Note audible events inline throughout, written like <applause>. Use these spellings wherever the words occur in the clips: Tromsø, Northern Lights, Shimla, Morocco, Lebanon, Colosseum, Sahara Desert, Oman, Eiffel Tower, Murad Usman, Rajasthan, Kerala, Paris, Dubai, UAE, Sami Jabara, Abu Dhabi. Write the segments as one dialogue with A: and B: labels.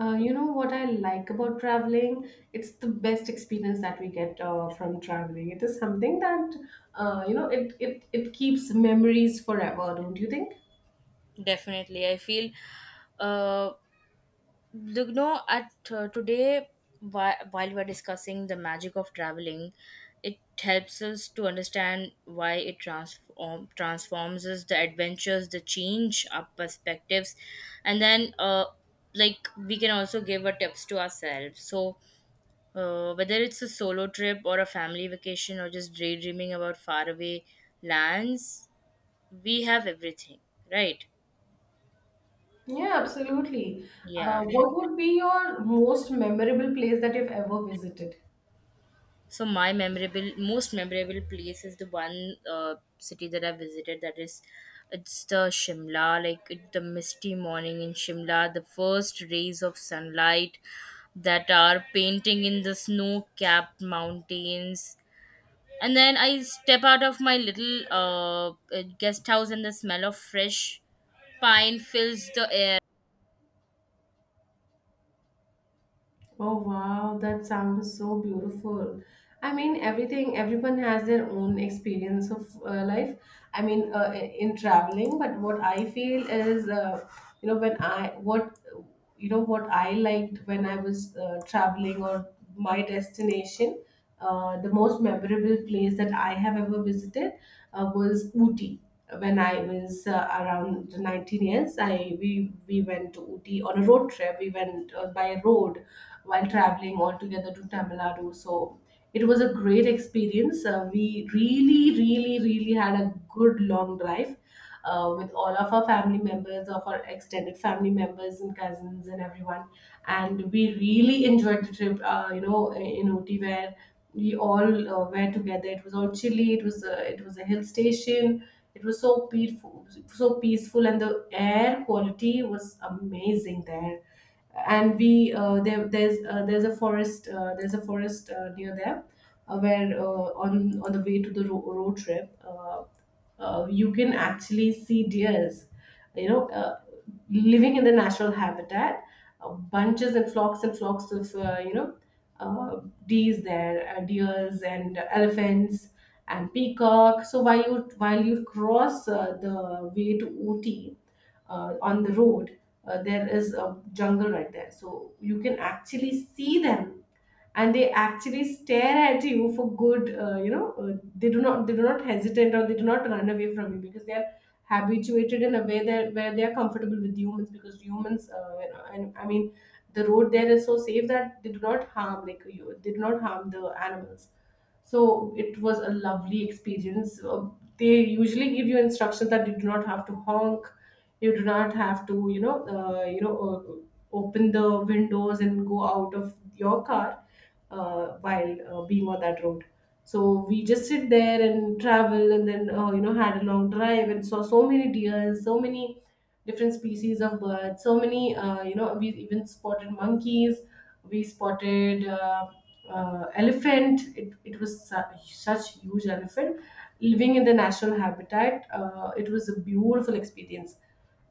A: You know what I like about traveling? It's the best experience that we get from traveling. It is something that you know it keeps memories forever, don't you think?
B: Definitely, I feel, uh, the- you know, at today, while we're discussing the magic of traveling, it helps us to understand why it transforms us, the adventures, the change, our perspectives, and then like we can also give our tips to ourselves. So. Whether it's a solo trip or a family vacation or just daydreaming about faraway lands, we have everything, right?
A: Yeah, absolutely.
B: Yeah.
A: What would be your most memorable place that you've ever visited?
B: So my most memorable place is the one city that I visited. That is, it's the Shimla. Like it, the misty morning in Shimla, the first rays of sunlight that are painting in the snow-capped mountains. And then I step out of my little guest house, and the smell of fresh pine fills the air.
A: Oh wow, that sounds so beautiful. I mean, everything, everyone has their own experience of life. I mean, in traveling, but what I feel is, you know, when I, what, you know, what I liked when I was traveling or my destination, the most memorable place that I have ever visited was Ooty when I was around 19 years, I we went to Ooty on a road trip. We went by road while traveling all together to Tamil Nadu. So it was a great experience. We really, really, really had a good long drive with all of our family members, of our extended family members and cousins and everyone. And we really enjoyed the trip, in Ooty where we all were together. It was all chilly. It was a hill station. It was so peaceful, and the air quality was amazing there. And we there's a forest near there, where on the way to the road trip. You can actually see deers you know uh, living in the natural habitat, bunches and flocks of uh, deers there, deers and elephants and peacock. So while you cross the way to Ooty on the road, there is a jungle right there. So you can actually see them, and they actually stare at you for good. They do not hesitate or they do not run away from you because they are habituated in a way that where they are comfortable with humans, because humans, and I mean the road there is so safe that they do not harm, like, you, they do not harm the animals. So it was a lovely experience. They usually give you instructions that you do not have to honk, you do not have to, open the windows and go out of your car while being on that road. So we just sit there and travel, and then had a long drive and saw so many deers, so many different species of birds, so many, we even spotted monkeys. We spotted elephant. It was such, such huge elephant living in the national habitat. It was a beautiful experience.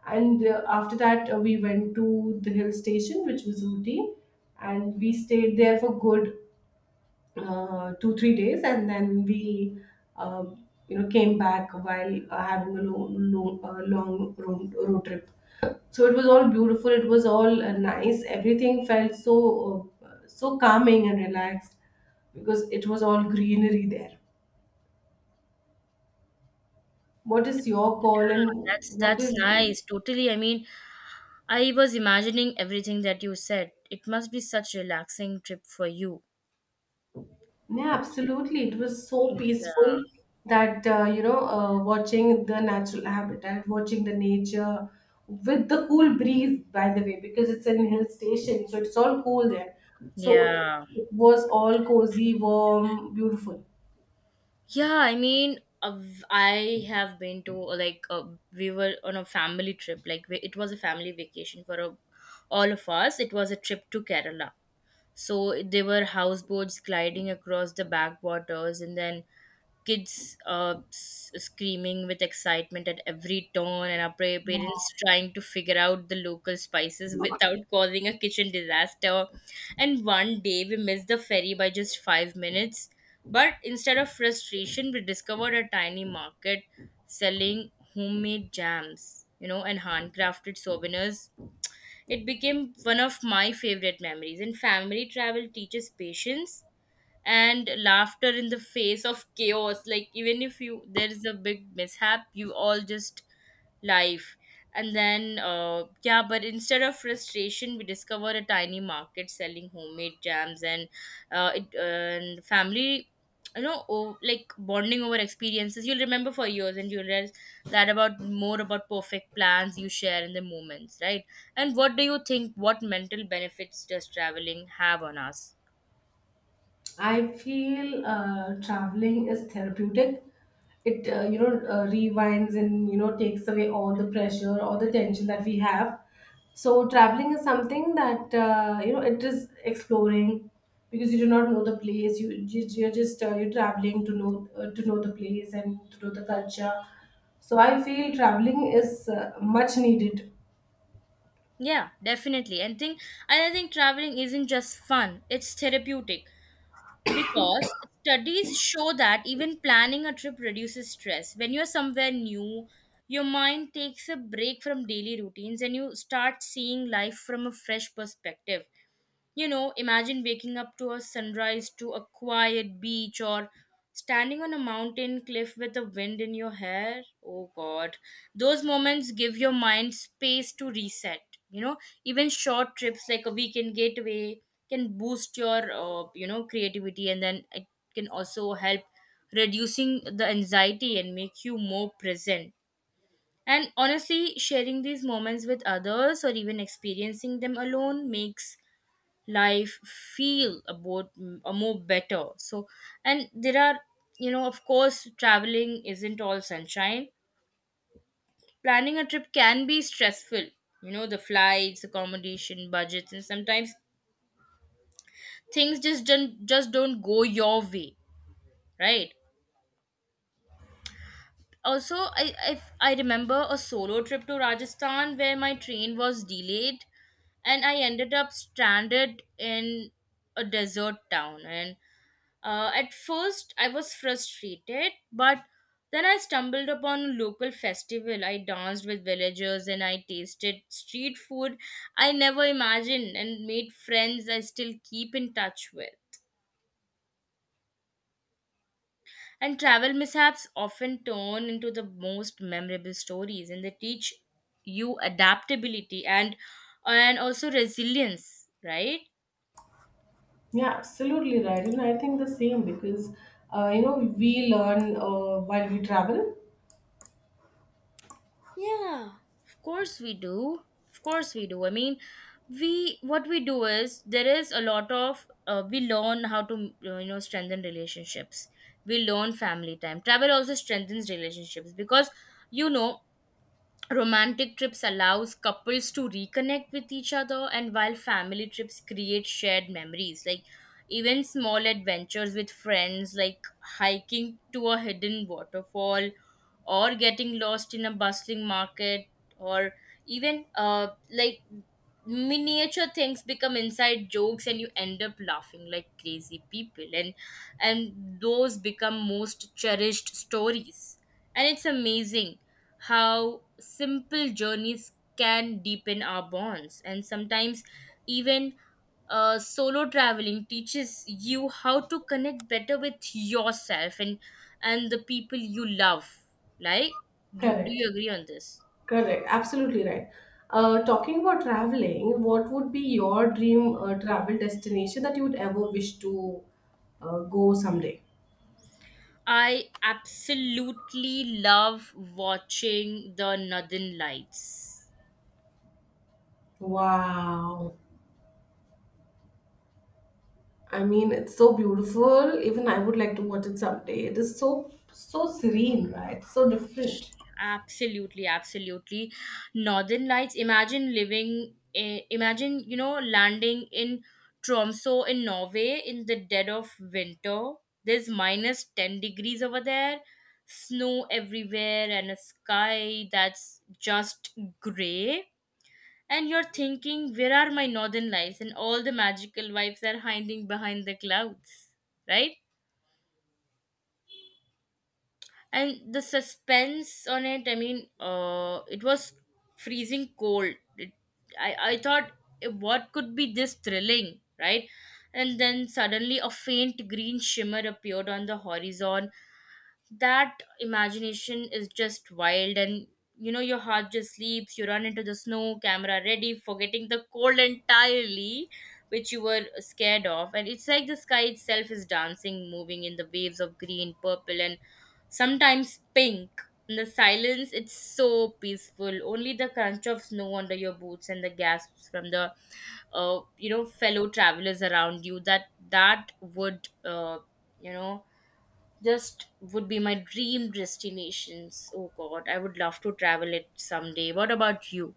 A: And after that we went to the hill station, which was Ooty, and we stayed there for good two three days, and then we came back while having a long, long, long road trip. So it was all beautiful, it was all nice, everything felt so so calming and relaxed because it was all greenery there. What is your call, and
B: That's
A: what
B: that's
A: is—
B: nice. Totally. I mean, I was imagining everything that you said. It must be such relaxing trip for you.
A: Yeah, absolutely, it was so
B: Yeah.
A: peaceful, that watching the natural habitat, watching the nature with the cool breeze, by the way, because it's an hill station, so it's all cool there. So
B: Yeah.
A: it was all cozy, warm, beautiful.
B: Yeah, I mean, uh, I have been to, we were on a family trip. Like we, it was a family vacation for a, all of us. It was a trip to Kerala. So there were houseboats gliding across the backwaters, and then kids screaming with excitement at every turn, and our parents trying to figure out the local spices <laughs> without causing a kitchen disaster. And one day we missed the ferry by just 5 minutes. But instead of frustration, we discovered a tiny market selling homemade jams and handcrafted souvenirs. It became one of my favorite memories. And family travel teaches patience and laughter in the face of chaos, like even if you there is a big mishap, you all just life. And then uh, yeah but instead of frustration, we discover a tiny market selling homemade jams, and family, you know. Oh, like bonding over experiences you'll remember for years, and you'll realize that about more about perfect plans, you share in the moments, right? And what do you think, what mental benefits does traveling have on us?
A: I feel traveling is therapeutic. It rewinds, and you know, takes away all the pressure, all the tension that we have. So traveling is something that, it is exploring, because you do not know the place. You you're just you're traveling to know, to know the place and to know the culture. So I feel traveling is much needed.
B: Yeah, definitely. And I think traveling isn't just fun, it's therapeutic. Because studies show that even planning a trip reduces stress. When you're somewhere new, your mind takes a break from daily routines, and you start seeing life from a fresh perspective. You know, imagine waking up to a sunrise, to a quiet beach, or standing on a mountain cliff with the wind in your hair. Oh God. Those moments give your mind space to reset. You know, even short trips like a weekend getaway can boost your creativity, and then it can also help reducing the anxiety and make you more present. And honestly, sharing these moments with others or even experiencing them alone makes life feel about a more better. So, and there are, you know, of course traveling isn't all sunshine. Planning a trip can be stressful, you know, the flights, accommodation, budgets, and sometimes things just don't go your way, right? Also, I remember a solo trip to Rajasthan where my train was delayed and I ended up stranded in a desert town. And at first, I was frustrated, but then I stumbled upon a local festival. I danced with villagers and I tasted street food I never imagined, and made friends I still keep in touch with. And travel mishaps often turn into the most memorable stories, and they teach you adaptability and also resilience, right?
A: Yeah, absolutely right. And I think the same, because we learn while we travel.
B: Of course we do. Of course we do. I mean, we what we do is there is a lot of, we learn how to, you know, strengthen relationships. We learn family time. Travel also strengthens relationships because, you know, romantic trips allows couples to reconnect with each other, and while family trips create shared memories like even small adventures with friends, like hiking to a hidden waterfall, or getting lost in a bustling market, or even like miniature things become inside jokes and you end up laughing like crazy people. And those become most cherished stories, and it's amazing how simple journeys can deepen our bonds. And sometimes even, solo traveling teaches you how to connect better with yourself and the people you love, like, do
A: Correct.
B: you agree on this?
A: Correct. Absolutely right. Talking about traveling, what would be your dream travel destination that you would ever wish to go someday?
B: I absolutely love watching the Northern Lights.
A: Wow. I mean, it's so beautiful. Even I would like to watch it someday. It is so, so serene, right? So different.
B: Absolutely, absolutely. Northern Lights. Imagine living, eh? Imagine, you know, landing in Tromsø in Norway in the dead of winter. There's minus 10 degrees over there, snow everywhere, and a sky that's just gray. And you're thinking, where are my Northern Lights? And all the magical vibes are hiding behind the clouds, right? And the suspense on it, I mean, it was freezing cold. It, I thought, "Eh, what could be this thrilling, right?" And then suddenly a faint green shimmer appeared on the horizon. That imagination is just wild, and you know, your heart just leaps, you run into the snow, camera ready, forgetting the cold entirely, which you were scared of. And it's like the sky itself is dancing, moving in the waves of green, purple, and sometimes pink. In the silence, it's so peaceful, only the crunch of snow under your boots and the gasps from the, you know, fellow travelers around you that that would you know just would be my dream destinations. Oh God, I would love to travel it someday. What about you?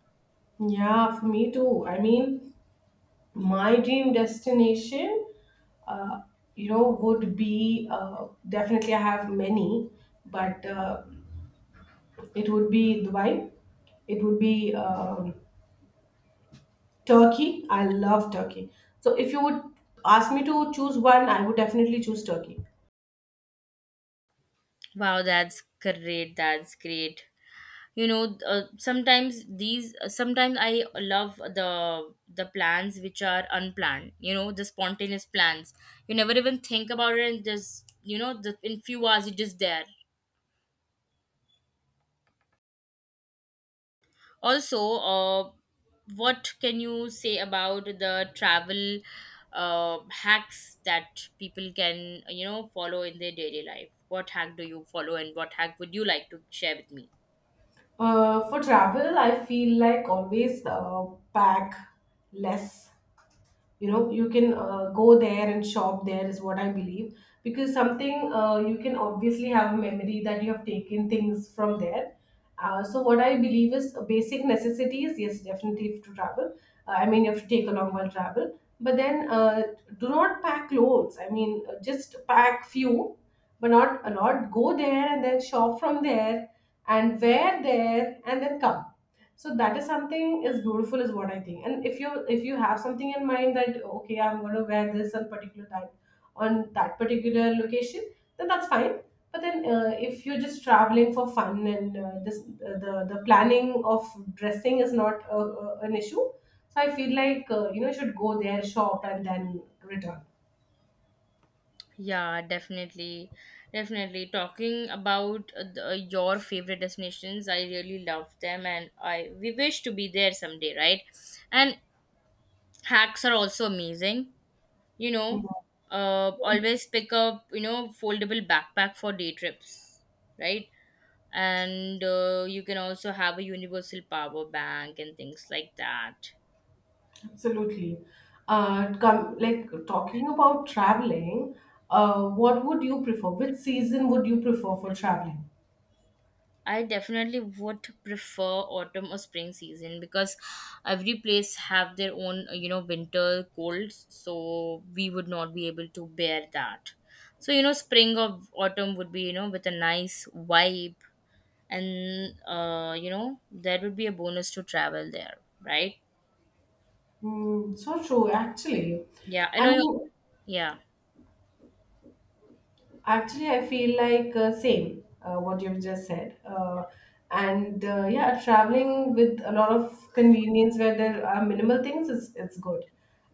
A: Yeah, for me too. I mean, my dream destination, uh, would be, definitely I have many, but it would be Dubai. It would be Turkey. I love Turkey. So if you would ask me to choose one, I would definitely choose Turkey.
B: Wow, that's great. That's great. You know, sometimes I love the plans which are unplanned. You know, the spontaneous plans. You never even think about it, and just, you know, the in few hours it is there. Also, what can you say about the travel hacks that people can, you know, follow in their daily life? What hack do you follow, and what hack would you like to share with me?
A: For travel, I feel like always pack less. You know, you can go there and shop there is what I believe, because something, you can obviously have a memory that you have taken things from there. So what I believe is, basic necessities, yes, definitely to travel. I mean, you have to take along while travel, but then do not pack loads. I mean, just pack few, but not a lot. Go there and then shop from there and wear there and then come. So that is something is beautiful, is what I think. And if you, if you have something in mind that okay, I'm going to wear this on particular time, on that particular location, then that's fine. But then if you're just traveling for fun, and this the planning of dressing is not an issue, so I feel like you should go there, shop, and then return.
B: Yeah, definitely. Definitely. Talking about your favorite destinations, I really love them, and I we wish to be there someday, right? And hacks are also amazing. You know, always pick up, you know, foldable backpack for day trips, right? And you can also have a universal power bank and things like that.
A: Absolutely. Come, like talking about traveling, what would you prefer? Which season would you prefer for traveling?
B: I definitely would prefer autumn or spring season because every place have their own, you know, winter colds, so we would not be able to bear that. So you know, spring or autumn would be, you know, with a nice vibe, and you know, that would be a bonus to travel there, right?
A: Hmm. So true, actually.
B: Yeah, I
A: I
B: know.
A: mean,
B: Yeah.
A: actually, I feel like, same what you've just said. And yeah, traveling with a lot of convenience where there are minimal things is, it's good.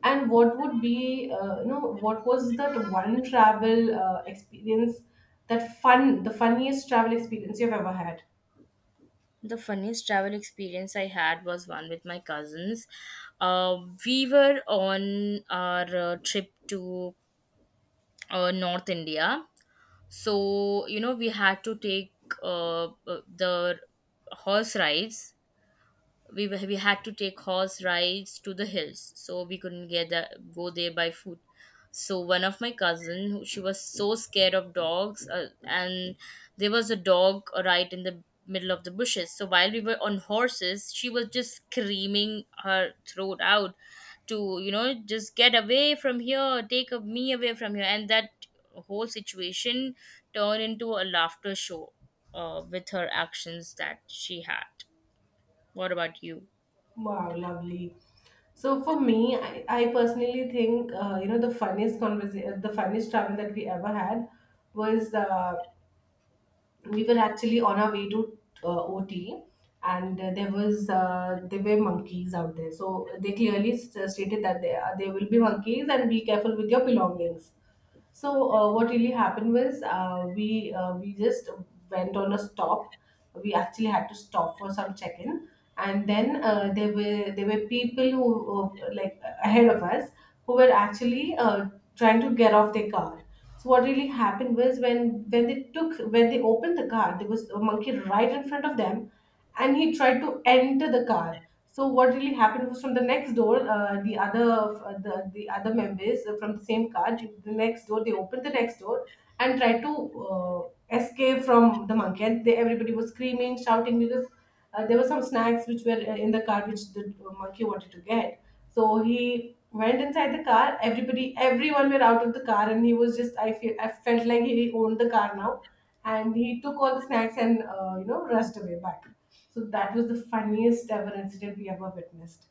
A: And what would be, what was that one travel experience, that fun, the funniest travel experience you've ever had?
B: The funniest travel experience I had was one with my cousins. uh, we were on our trip to North India. So you know, we had to take the horse rides. We had to take horse rides to the hills, so we couldn't get that, go there by foot. So one of my cousin, she was so scared of dogs, and there was a dog right in the middle of the bushes. So while we were on horses, she was just screaming her throat out to, you know, just get away from here, me away from here. And that whole situation turned into a laughter show, with her actions that she had. What about you?
A: Wow, lovely. So for me, I personally think, the funniest conversation, the funniest travel that we ever had was we were actually on our way to OT, and there were monkeys out there. So they clearly stated that there will be monkeys, and be careful with your belongings. So what really happened was we just went on a stop. We actually had to stop for some check-in, and then there were people who were, like, ahead of us who were actually trying to get off their car. So what really happened was when they took when they opened the car, there was a monkey right in front of them, and he tried to enter the car. So what really happened was, from the next door, the other members from the same car, the next door, they opened the next door and tried to escape from the monkey. And they, everybody was screaming, shouting, because there were some snacks which were in the car, which the monkey wanted to get. So he went inside the car. Everybody, everyone were out of the car, and he was just— I feel, I felt like he owned the car now, and he took all the snacks and rushed away back. So that was the funniest ever incident we ever witnessed.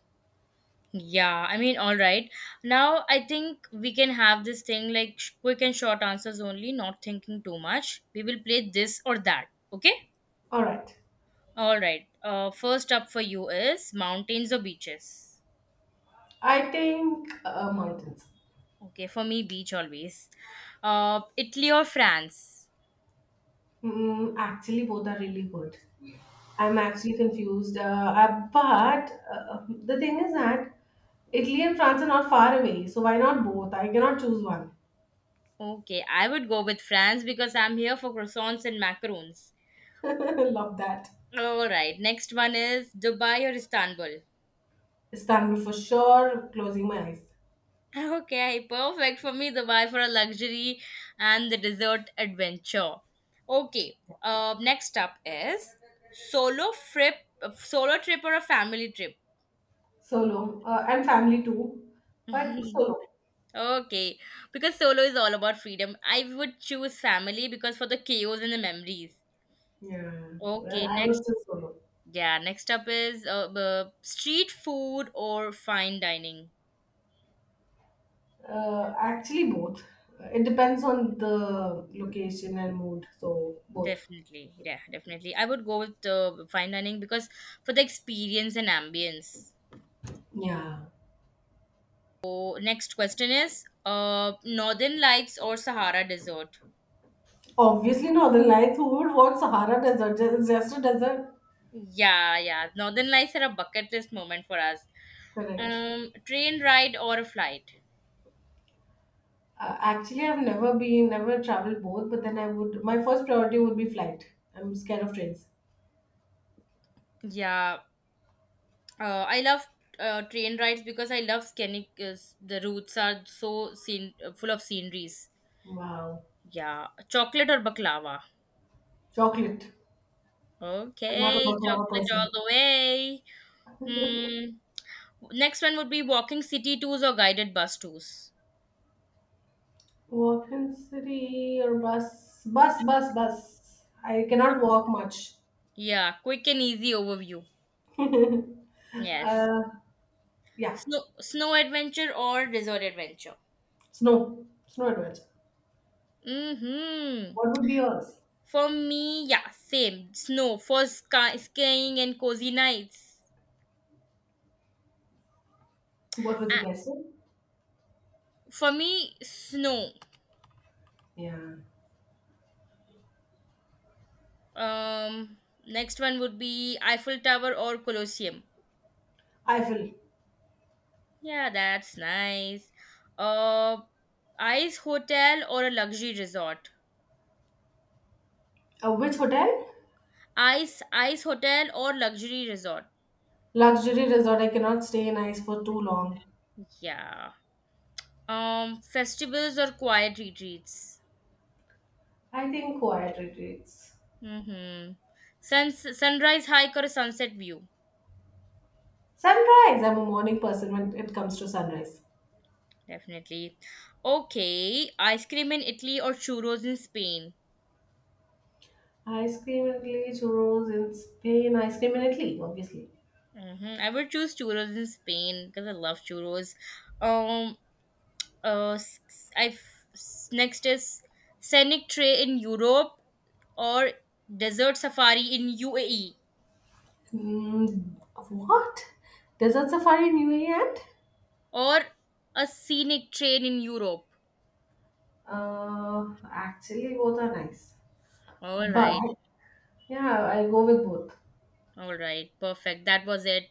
B: Yeah, I mean, all right. Now I think we can have this thing like quick and short answers only, not thinking too much. We will play this or that. Okay?
A: All right,
B: All right. First up for you is mountains or beaches?
A: I think mountains.
B: Okay, for me, beach always. Italy or France?
A: Mm, actually, both are really good. I'm actually confused, but the thing is that Italy and France are not far away, so why not both? I cannot choose one. <laughs>
B: Okay, I would go with France because I'm here for croissants and macarons.
A: Love that.
B: All right. Next one is Dubai or Istanbul?
A: Istanbul for sure. Closing my eyes.
B: Okay, perfect for me. The buy for a luxury and the dessert adventure. Okay. Next up is solo trip, solo trip or a family trip.
A: Solo and family too, but
B: <laughs>
A: solo.
B: Okay, because solo is all about freedom. I would choose family because for the chaos and the memories.
A: Yeah,
B: Okay,
A: well, I
B: next.
A: would say solo.
B: Yeah, next up is street food or fine dining.
A: Actually, both. It depends on the location and mood. So both.
B: Definitely, yeah, definitely. I would go with fine dining because for the experience and ambience.
A: Yeah.
B: So next question is Northern Lights or Sahara Desert?
A: Obviously, Northern Lights. Who would watch Sahara Desert? It's just a desert.
B: Yeah, yeah. Northern Lights are a bucket list moment for us.
A: Correct.
B: Train ride or a flight?
A: Actually, I've never been, never traveled both. But then I would. My first priority would be flight. I'm scared of trains.
B: Yeah, I love train rides because I love scenic. The routes are so scene, full of sceneries.
A: Wow.
B: Yeah, chocolate or baklava?
A: Chocolate. I'm not a
B: Okay,
A: baklava
B: chocolate all
A: person.
B: the way. Hmm. Next one would be walking city tours or guided bus tours.
A: Walk in city or bus? Bus, bus, bus. I cannot walk much.
B: Yeah, quick and easy overview.
A: <laughs>
B: Yes.
A: uh, yeah.
B: Snow, snow adventure or resort adventure?
A: Snow. Snow adventure.
B: Mm-hmm.
A: What would be yours?
B: For me, yeah, same. Snow for sky, skiing and cozy nights.
A: What would you
B: Uh,
A: guys say?
B: for me, snow.
A: Yeah.
B: Um, next one would be Eiffel Tower or Colosseum.
A: Eiffel.
B: Yeah, that's nice. Uh, ice hotel or a luxury resort?
A: Which hotel?
B: Ice, ice hotel or luxury resort?
A: Luxury resort. I cannot stay in ice for too long.
B: Yeah. Festivals or quiet retreats?
A: I think quiet retreats.
B: Mm-hmm. Suns Sunrise hike or sunset view?
A: Sunrise. I'm a morning person when it comes to sunrise.
B: Definitely. Okay. Ice cream in Italy or churros in Spain?
A: Ice cream in Italy, churros in Spain, ice cream in Italy, obviously.
B: Mm-hmm. I would choose churros in Spain because I love churros. Um. Next is scenic tray in Europe or desert safari in UAE
A: Mm, what? Desert safari in UAE and?
B: or a scenic train in Europe.
A: Actually, both are nice.
B: All
A: But—
B: right.
A: Yeah, I go with both.
B: All right. Perfect. That was it.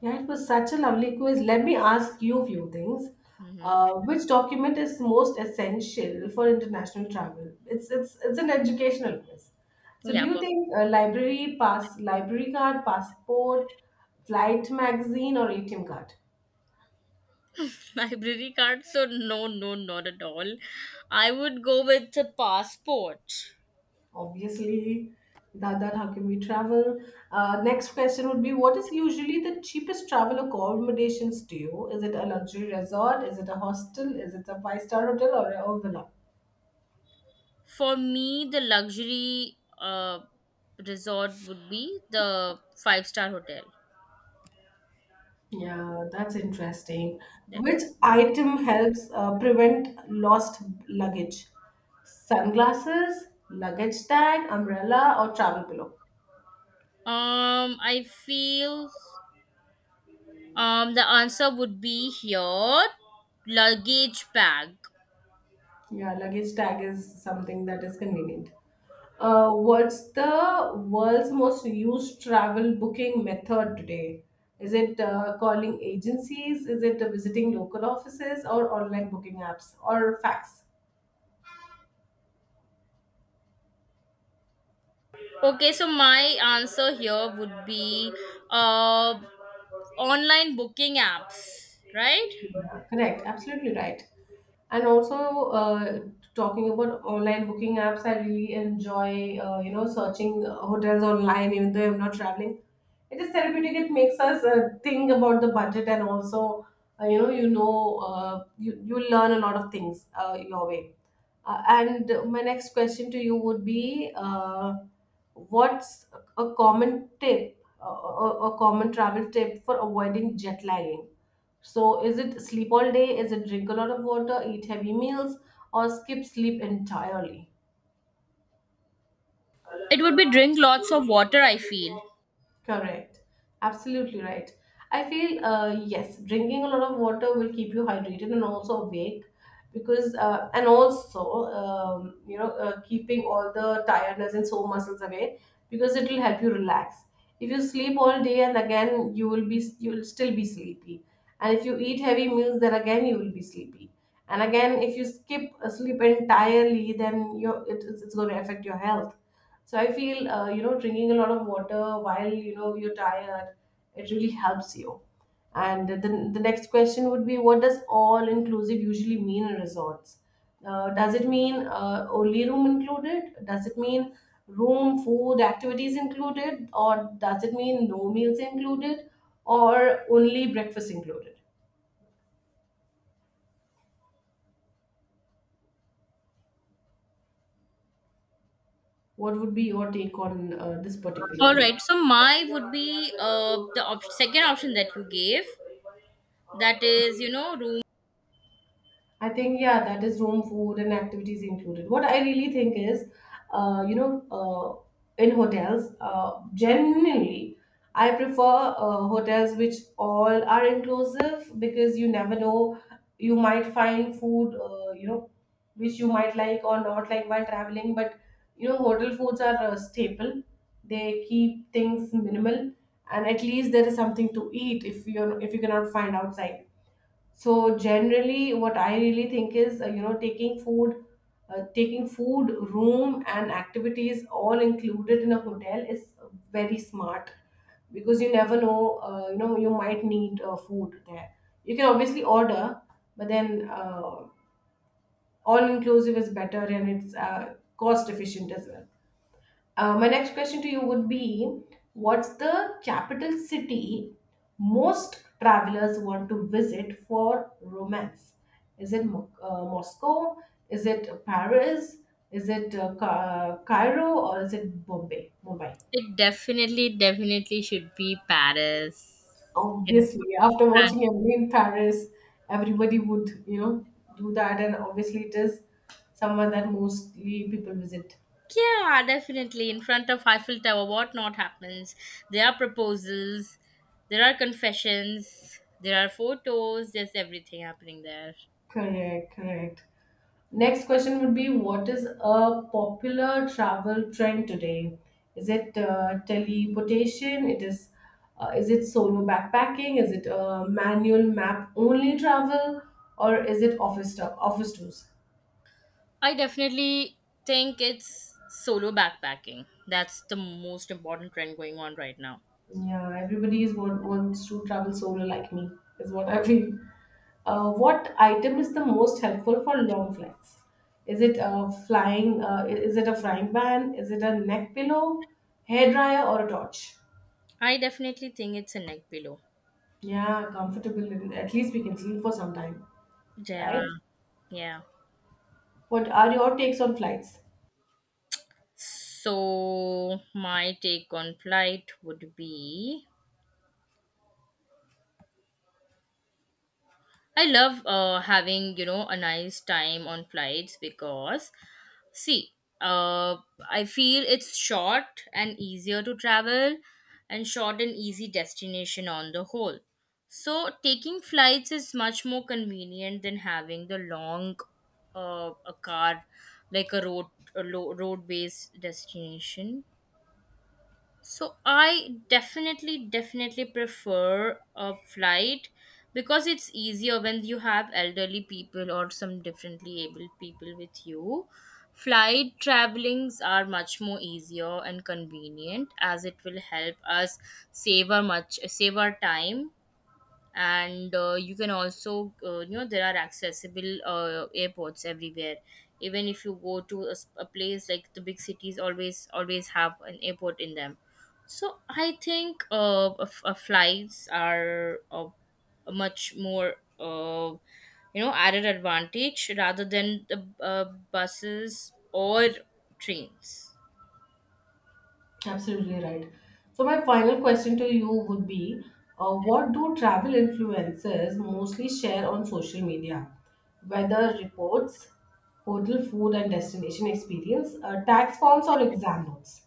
A: Yeah, it was such a lovely quiz. Let me ask you a few things.
B: Mm-hmm.
A: Which document is most essential for international travel? It's an educational quiz. So, do
B: Yeah.
A: you
B: Perfect.
A: think a library pass, library card, passport, flight magazine, or ATM card?
B: <laughs> Library card? So, no, no, not at all. I would go with a passport.
A: Obviously, without that, how can we travel? Next question would be: what is usually the cheapest travel accommodations to you? Is it a luxury resort? Is it a hostel? Is it a five-star hotel or villa?
B: For me, the luxury resort would be the five-star hotel.
A: Yeah, that's interesting. Which
B: Definitely.
A: item helps prevent lost luggage? Sunglasses, luggage tag, umbrella, or travel pillow?
B: I feel the answer would be here luggage bag.
A: Yeah, luggage tag is something that is convenient. What's the world's most used travel booking method today? Is it calling agencies? Is it visiting local offices or online booking apps or fax?
B: Okay, so my answer here would be uh online booking apps, right?
A: Yeah, correct, absolutely right. And also, uh, talking about online booking apps, I really enjoy, searching hotels online, even though I'm not traveling. It is therapeutic. It makes us think about the budget, and also, you learn a lot of things your way. And my next question to you would be, what's a common tip, a common travel tip for avoiding jet lagging? So, is it sleep all day? Is it drink a lot of water, eat heavy meals, or skip sleep entirely?
B: It would be drink lots of water, I feel.
A: Correct. Absolutely right. I feel, yes, drinking a lot of water will keep you hydrated and also awake because, and also, keeping all the tiredness and sore muscles away because it will help you relax. If you sleep all day and again, you will be, you will still be sleepy. And if you eat heavy meals, then again, you will be sleepy. And again, if you skip sleep entirely, then it's going to affect your health, so I feel, you know, drinking a lot of water while, you know, you're tired, it really helps you. And then the next question would be, what does all inclusive usually mean in resorts? Does it mean only room included? Does it mean room, food, activities included? Or does it mean no meals included? Or only breakfast included? What would be your take on this particular
B: All
A: thing?
B: right. So my would be the second option that you gave. That is, you know, room.
A: I think yeah, that is room, food, and activities included. What I really think is, in hotels, generally, I prefer hotels which all are inclusive because you never know, you might find food, which you might like or not like while traveling. But you know, hotel foods are a staple. They keep things minimal, and at least there is something to eat if you are if you cannot find outside, so generally what I really think is, you know, taking food, room, and activities all included in a hotel is very smart, because you never know, you know, you might need food there. You can obviously order, but then, all inclusive is better, and it's cost efficient as well. My next question to you would be: what's the capital city most travelers want to visit for romance? Is it Moscow? Is it Paris? Is it Cairo, or is it Bombay, Mumbai?
B: It definitely, definitely should be Paris. In
A: Obviously, after
B: France.
A: watching Emily in Paris, everybody would, you know, do that, and obviously, it is somewhere that mostly people visit.
B: Yeah, definitely. In front of Eiffel Tower, what not happens? There are proposals, there are confessions, there are photos, there's everything happening there.
A: Correct, correct. Next question would be: what is a popular travel trend today? Is it teleportation? It is. Is it solo backpacking? Is it manual map only travel, or is it office stuff, office tours?
B: I definitely think it's solo backpacking. That's the most important trend going on right now.
A: Yeah, everybody is wants to travel solo like me, is what I feel. What item is the most helpful for long flights? Is it a flying? Is it a frying pan? Is it a neck pillow, hair dryer, or a torch?
B: I definitely think it's a neck pillow.
A: Yeah, comfortable. And at least we can sleep for some time,
B: Yeah,
A: right?
B: yeah.
A: What are your takes on flights?
B: So my take on flight would be I love having, you know, a nice time on flights because, see, uh, I feel it's short and easier to travel, and short and easy destination on the whole. So, taking flights is much more convenient than having the long, a car, like a road, a road-based destination. So I definitely, definitely prefer a flight because it's easier when you have elderly people or some differently able people with you. Flight travelings are much more easier and convenient as it will help us save our much save our time, and you can also, you know, there are accessible airports everywhere, even if you go to a, a place like the big cities always always have an airport in them. So I think, flights are, a much more, you know, added advantage rather than the, buses or trains.
A: Absolutely right. So my final question to you would be, what do travel influencers mostly share on social media? Weather reports, hotel food and destination experience, tax forms or exam notes?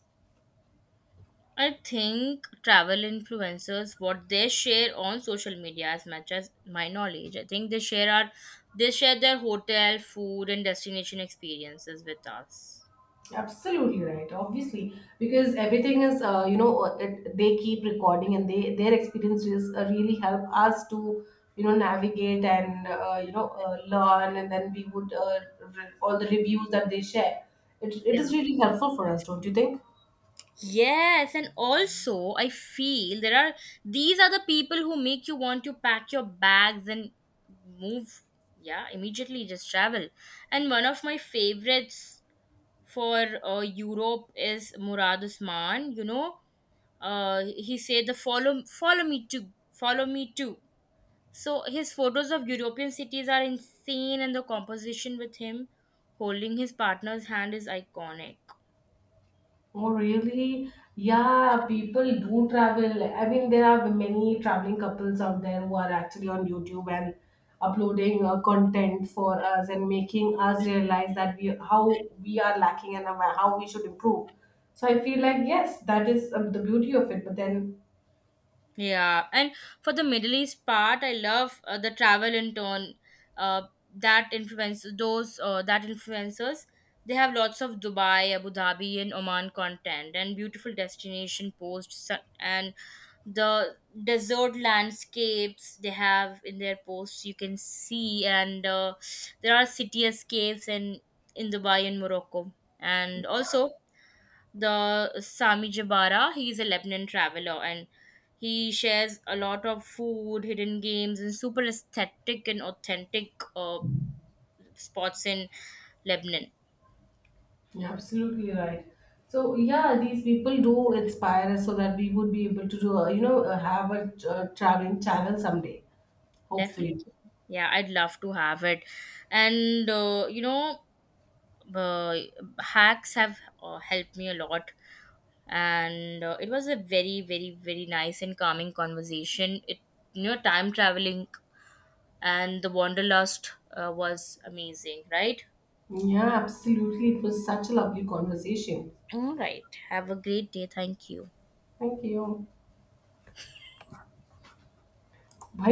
B: I think travel influencers, what they share on social media, as much as my knowledge, I think they share our, they share their hotel, food, and destination experiences with us.
A: Absolutely right. Obviously, because everything is, they keep recording, and they their experiences really help us to, you know, navigate and, learn, and then we would, all the reviews that they share, it
B: Yeah.
A: is really helpful for us, don't you think?
B: Yes, and also I feel there are, these are the people who make you want to pack your bags and move. Yeah, immediately just travel. And one of my favorites for Europe is Murad Usman. You know, he said the follow me too, follow me too. So his photos of European cities are insane, and the composition with him holding his partner's hand is iconic.
A: Oh, really? Yeah, people do travel. I mean, there are many traveling couples out there who are actually on YouTube and uploading content for us and making us realize that we how we are lacking and how we should improve. So I feel like yes, that is the beauty of it. But then
B: Yeah, and for the Middle East part, I love the travel in turn. Uh, that influence those that influencers, they have lots of Dubai, Abu Dhabi, and Oman content and beautiful destination posts, and the desert landscapes they have in their posts you can see. And there are city escapes in Dubai and Morocco, and also the Sami Jabara, he is a Lebanon traveler, and he shares a lot of food, hidden games, and super aesthetic and authentic spots in Lebanon.
A: you're absolutely right. So yeah, these people do inspire us so that we would be able to do, have a traveling channel someday, hopefully.
B: Definitely. Yeah, I'd love to have it. And you know, uh, hacks have helped me a lot. And it was a very very very nice and calming conversation. It, you know, time traveling and the wanderlust, was amazing, right?
A: Yeah, absolutely. It was such a lovely conversation.
B: All right, have a great day, thank you.
A: Thank you.